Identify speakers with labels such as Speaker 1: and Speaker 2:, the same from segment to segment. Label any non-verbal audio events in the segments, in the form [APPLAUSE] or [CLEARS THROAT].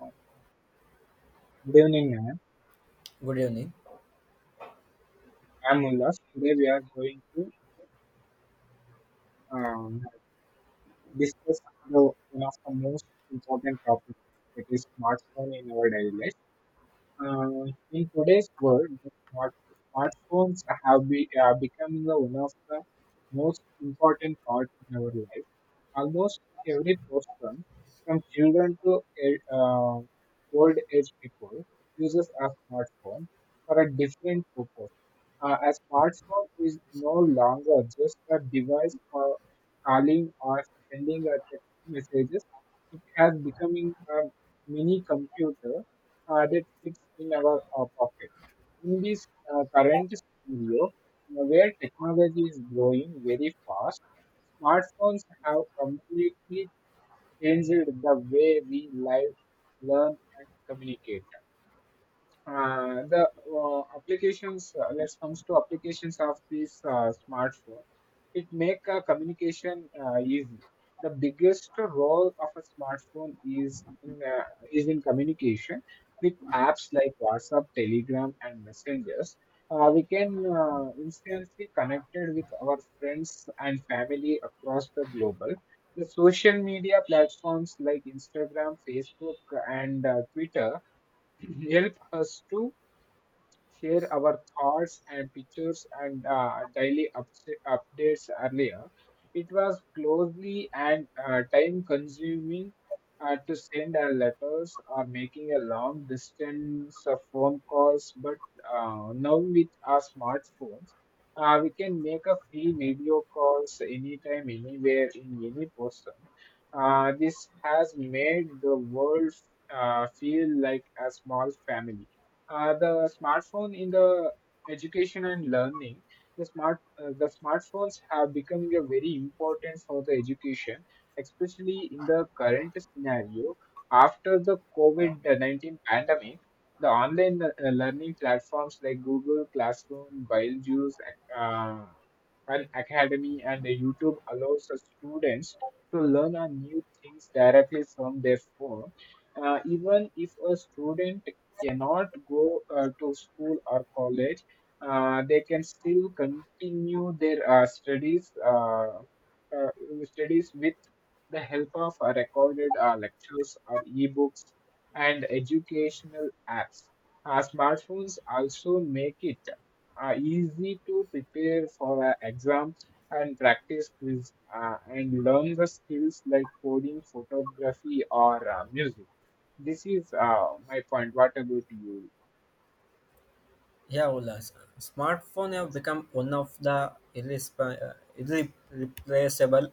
Speaker 1: Uh, Good evening, ma'am.
Speaker 2: Good evening.
Speaker 1: I'm Ullas. Today we are going to um, discuss the, one of the most important topics, that is smartphone in our daily life. Uh, in today's world, smartphones are becoming the one of the most important parts in our life. Almost every person, from children to old age people, uses a smartphone for a different purpose. A smartphone is no longer just a device for calling or sending a text messages. It has becoming a mini computer that fits in our pocket. In this current scenario, where technology is growing very fast, smartphones have completely changed the way we live, learn, and communicate. The applications Let's comes to applications of this smartphone. It make communication easy. The biggest role of a smartphone is is in communication. With apps like WhatsApp, Telegram, and Messengers, we can instantly connected with our friends and family across the global. The social media platforms like Instagram, Facebook, and Twitter [CLEARS THROAT] help us to share our thoughts and pictures and daily updates earlier. It was closely and time consuming to send our letters or making a long distance of phone calls, but now with our smartphones, we can make a free video calls anytime, anywhere, in any person. This has made the world feel like a small family. The smartphone in the education and learning. The smartphones have become a very important for the education, especially in the current scenario after the covid-19 pandemic. The online learning platforms like Google Classroom, Beetlejuice, uh, an Academy, and the YouTube allows the students to learn on new things directly from their phone. Even if a student cannot go to school or college, they can still continue their uh, studies with the help of recorded lectures or ebooks and educational apps. Smartphones also make it easy to prepare for an exam and practice quiz and learn the skills like coding, photography, or music. This is my point. What about you?
Speaker 2: Yeah, Ola. Smartphone have become one of the irreplaceable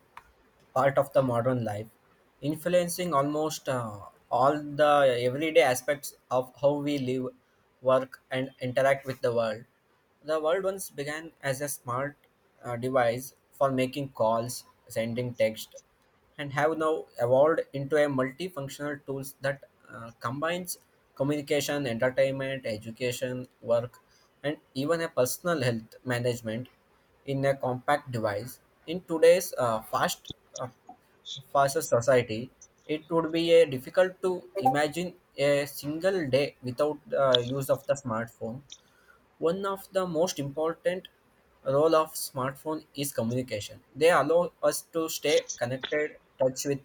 Speaker 2: part of the modern life, influencing almost all the everyday aspects of how we live, work, and interact with the world. The world once began as a smart device for making calls, sending text, and have now evolved into a multifunctional tools that combines communication, entertainment, education, work, and even a personal health management in a compact device. In today's uh, faster society, it would be a difficult to imagine a single day without the use of the smartphone one of the most important role of smartphone is communication. They allow us to stay connected, touch with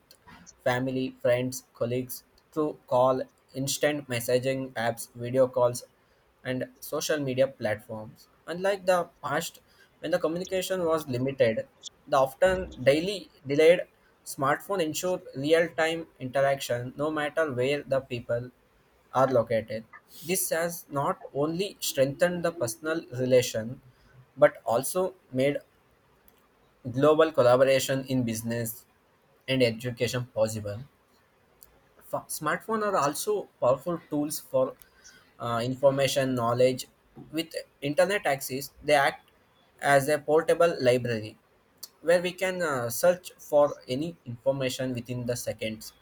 Speaker 2: family, friends, colleagues through call, instant messaging apps, video calls, and social media platforms. Unlike the past, when the communication was limited, the often daily delayed smartphone ensure real-time interaction no matter where the people are located. This has not only strengthened the personal relation but also made global collaboration in business and education possible. Smartphones are also powerful tools for information, knowledge. With internet access, they act as a portable library where we can search for any information within the seconds.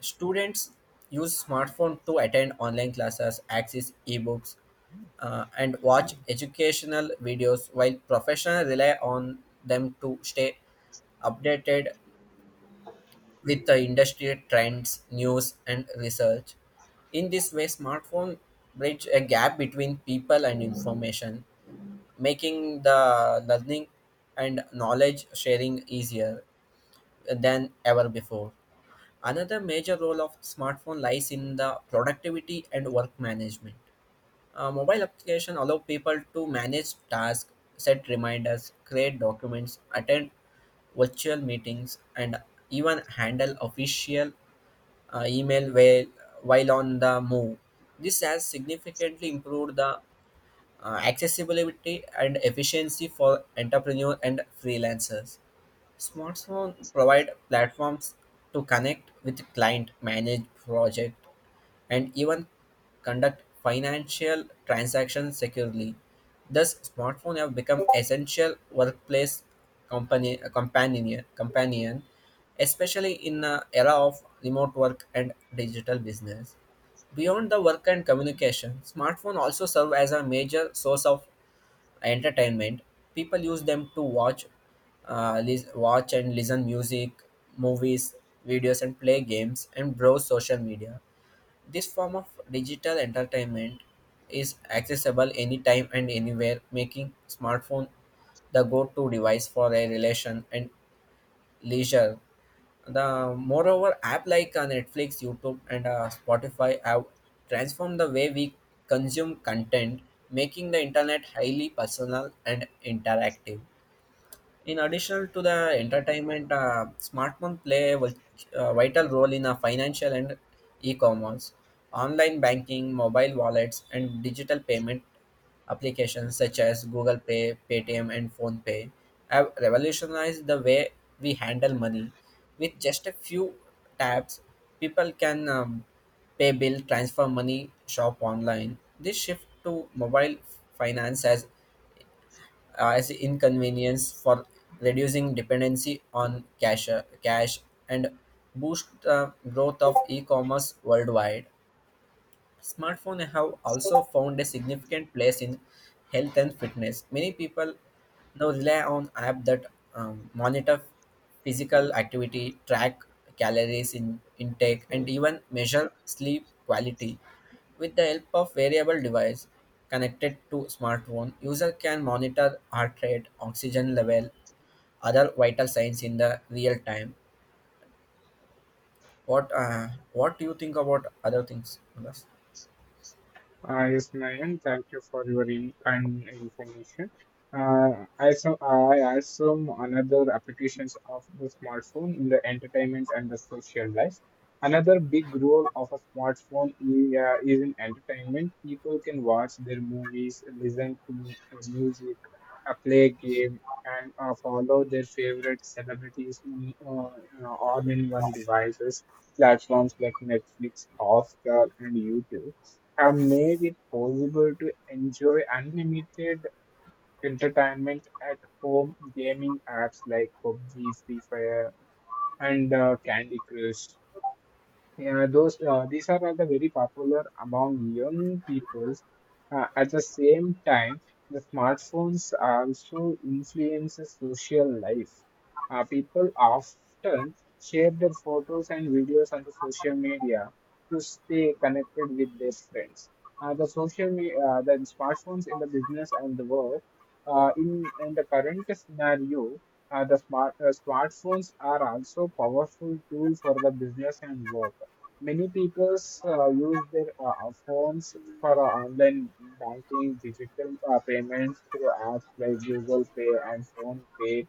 Speaker 2: Students use smartphones to attend online classes, access ebooks, and watch educational videos, while professionals rely on them to stay updated with the industry trends, news, and research. In this way, smartphone bridge a gap between people and information, making the learning and knowledge sharing easier than ever before. Another major role of smartphone lies in the productivity and work management. Mobile application allow people to manage tasks, set reminders, create documents, attend virtual meetings, and even handle official email while on the move. This has significantly improved the accessibility and efficiency for entrepreneurs and freelancers. Smartphones provide platforms to connect with client, manage project, and even conduct financial transactions securely. Thus, smartphones have become essential workplace company companion companion, especially in the era of remote work and digital business. Beyond the work and communication, smartphones also serve as a major source of entertainment. People use them to watch and listen music, movies, videos, and play games and browse social media. This form of digital entertainment is accessible anytime and anywhere, making smartphone the go-to device for a relation and leisure. The moreover, app like Netflix, YouTube, and Spotify have transformed the way we consume content, making the internet highly personal and interactive. In addition to the entertainment, smartphones play a vital role in financial and e-commerce. Online banking, mobile wallets, and digital payment applications such as Google Pay, Paytm, and PhonePay have revolutionized the way we handle money. With just a few taps, people can pay bill, transfer money, shop online. This shift to mobile finance has as inconvenience for reducing dependency on cash and boost growth of e-commerce worldwide. Smartphones have also found a significant place in health and fitness. Many people now rely on apps that monitor physical activity, track calories in intake, and even measure sleep quality. With the help of variable device connected to smartphone, user can monitor heart rate, oxygen level, other vital signs in the real time. What do you think about other things, Ulas?
Speaker 1: Yes, Nayan, thank you for your in kind information. I saw I asked some another applications of the smartphone in the entertainment and the social life. Another big role of a smartphone is in entertainment. People can watch their movies, listen to music, play game, and follow their favorite celebrities all in one devices. Platforms like Netflix, Oscar, and YouTube have made it possible to enjoy unlimited entertainment at home. Gaming apps like PUBG, Free Fire, and Candy Crush. Yeah, those these are all the very popular among young peoples. At the same time, the smartphones also influences social life. People often share their photos and videos on the social media to stay connected with their friends. The smartphones in the business and the work. In the current scenario, the smart smartphones are also powerful tool for the business and work. Many people use their phones for online banking, digital payments through apps like Google Pay and Phone Pay,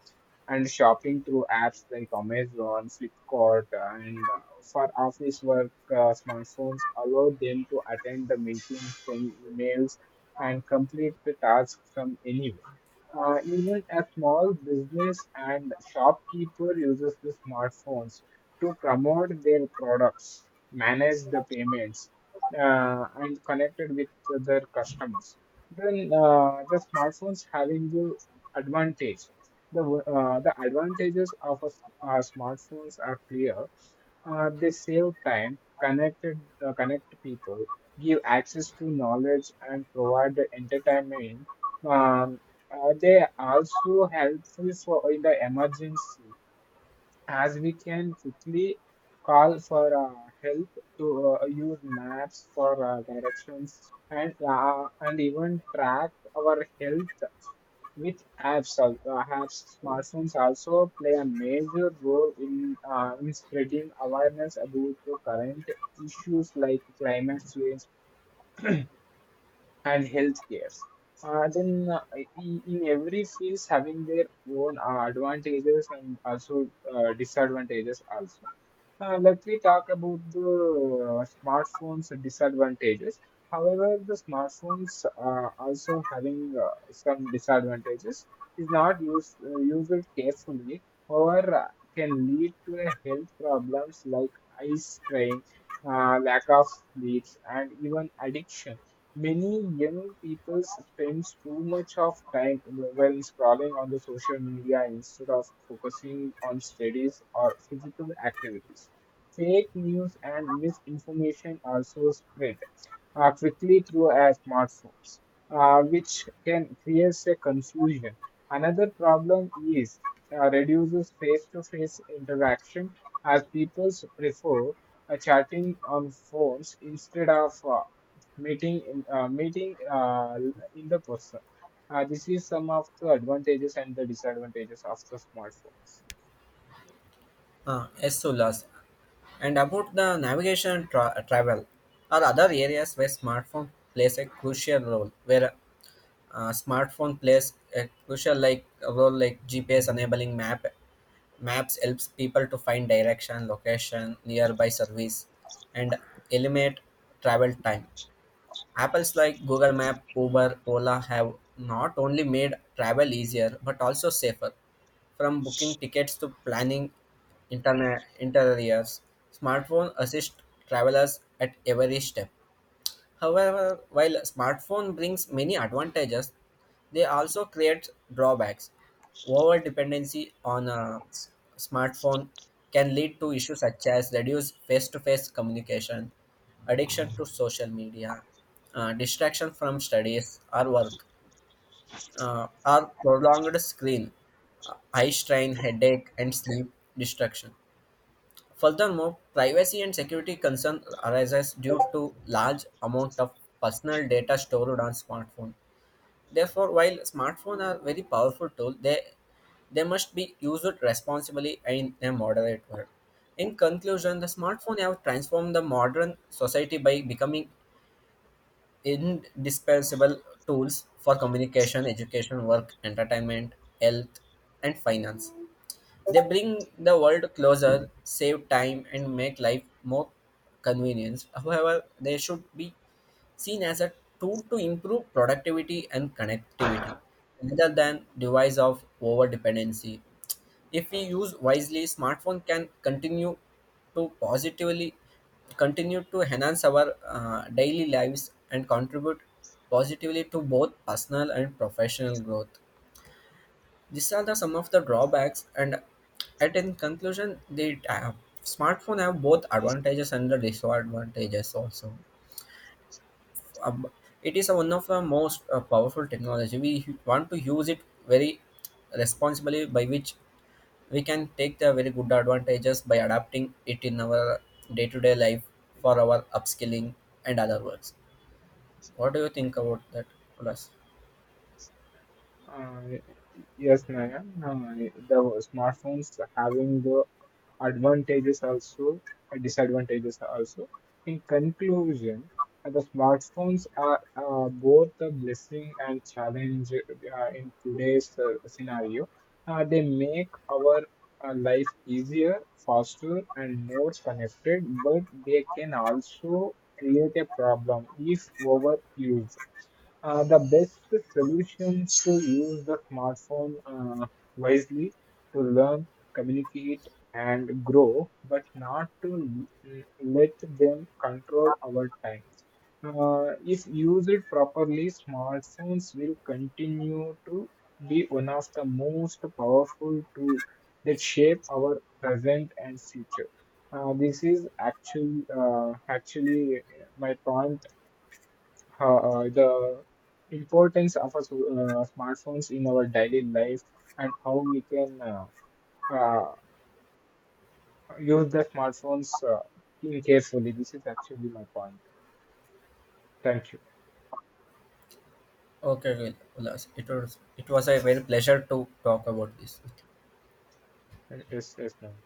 Speaker 1: and shopping through apps like Amazon, Flipkart, and for office work, smartphones allow them to attend the meetings, send emails, and complete the task from anywhere. Even a small business and shopkeeper uses the smartphones to promote their products, manage the payments, and connected with their customers. The smartphones having the advantage. The advantages of smartphones are clear. They save time, connect people, give access to knowledge, and provide the entertainment. Um, they also helpful for in the emergency, as we can quickly call for help to use maps for directions and and even track our health with apps. Smartphones also play a major role in spreading awareness about the current issues like climate change and healthcare. Uh, then uh, in every fields having their own advantages and also disadvantages also. Let me talk about the smartphones disadvantages. However, the smartphones are also having some disadvantages. Is not used carefully or can lead to a health problems like eye strain, lack of sleep, and even addiction. Many young people spends too much of time while scrolling on the social media instead of focusing on studies or physical activities. Fake news and misinformation also spread quickly through our smartphones, which can create a confusion. Another problem is reduces face-to-face interaction, as people prefer chatting on phones instead of meeting in the person. This is some of the advantages and the disadvantages of the smartphones.
Speaker 2: Ah, yes, Ulas. And about the navigation and travel are other areas where smartphone plays a crucial role. Where smartphone plays a crucial like a role like GPS enabling maps helps people to find direction, location, nearby service, and eliminate travel time. Apples like Google Map, Uber, Ola have not only made travel easier but also safer. From booking tickets to planning interiors, smartphones assist travelers at every step. However, while smartphone brings many advantages, they also create drawbacks. Over dependency on smartphone can lead to issues such as reduced face-to-face communication, addiction to social media, distraction from studies or work, or prolonged screen, eye strain, headache, and sleep destruction. Furthermore, privacy and security concern arises due to large amount of personal data stored on smartphone. Therefore, while smartphones are very powerful tool, they must be used responsibly and in a moderate way. In conclusion, the smartphone have transformed the modern society by becoming indispensable tools for communication, education, work, entertainment, health, and finance. They bring the world closer, save time, and make life more convenient. However, they should be seen as a tool to improve productivity and connectivity rather than device of over dependency. If we use wisely, smartphone can continue to positively continue to enhance our daily lives and contribute positively to both personal and professional growth. These are the some of the drawbacks, and at in conclusion, the smartphone have both advantages and the disadvantages also. Um, it is one of the most powerful technology. We want to use it very responsibly, by which we can take the very good advantages by adapting it in our day-to-day life for our upskilling and other works. What do you think about that, Ulas?
Speaker 1: Uh, yes, Naya. The smartphones having the advantages also and disadvantages also. In conclusion, the smartphones are both a blessing and challenge in today's scenario. They make our life easier, faster, and more connected, but they can also create a problem if overused. The best solution is to use the smartphone wisely to learn, communicate, and grow, but not to let them control our time. If used properly, smartphones will continue to be one of the most powerful tools that shape our present and future. This is actually Actually my point the importance of smartphones in our daily life and how we can uh, use the smartphones in carefully. This is actually my point. Thank you.
Speaker 2: Okay, Ulas. It was a very pleasure to talk about this with you.
Speaker 1: Yes, yes, no.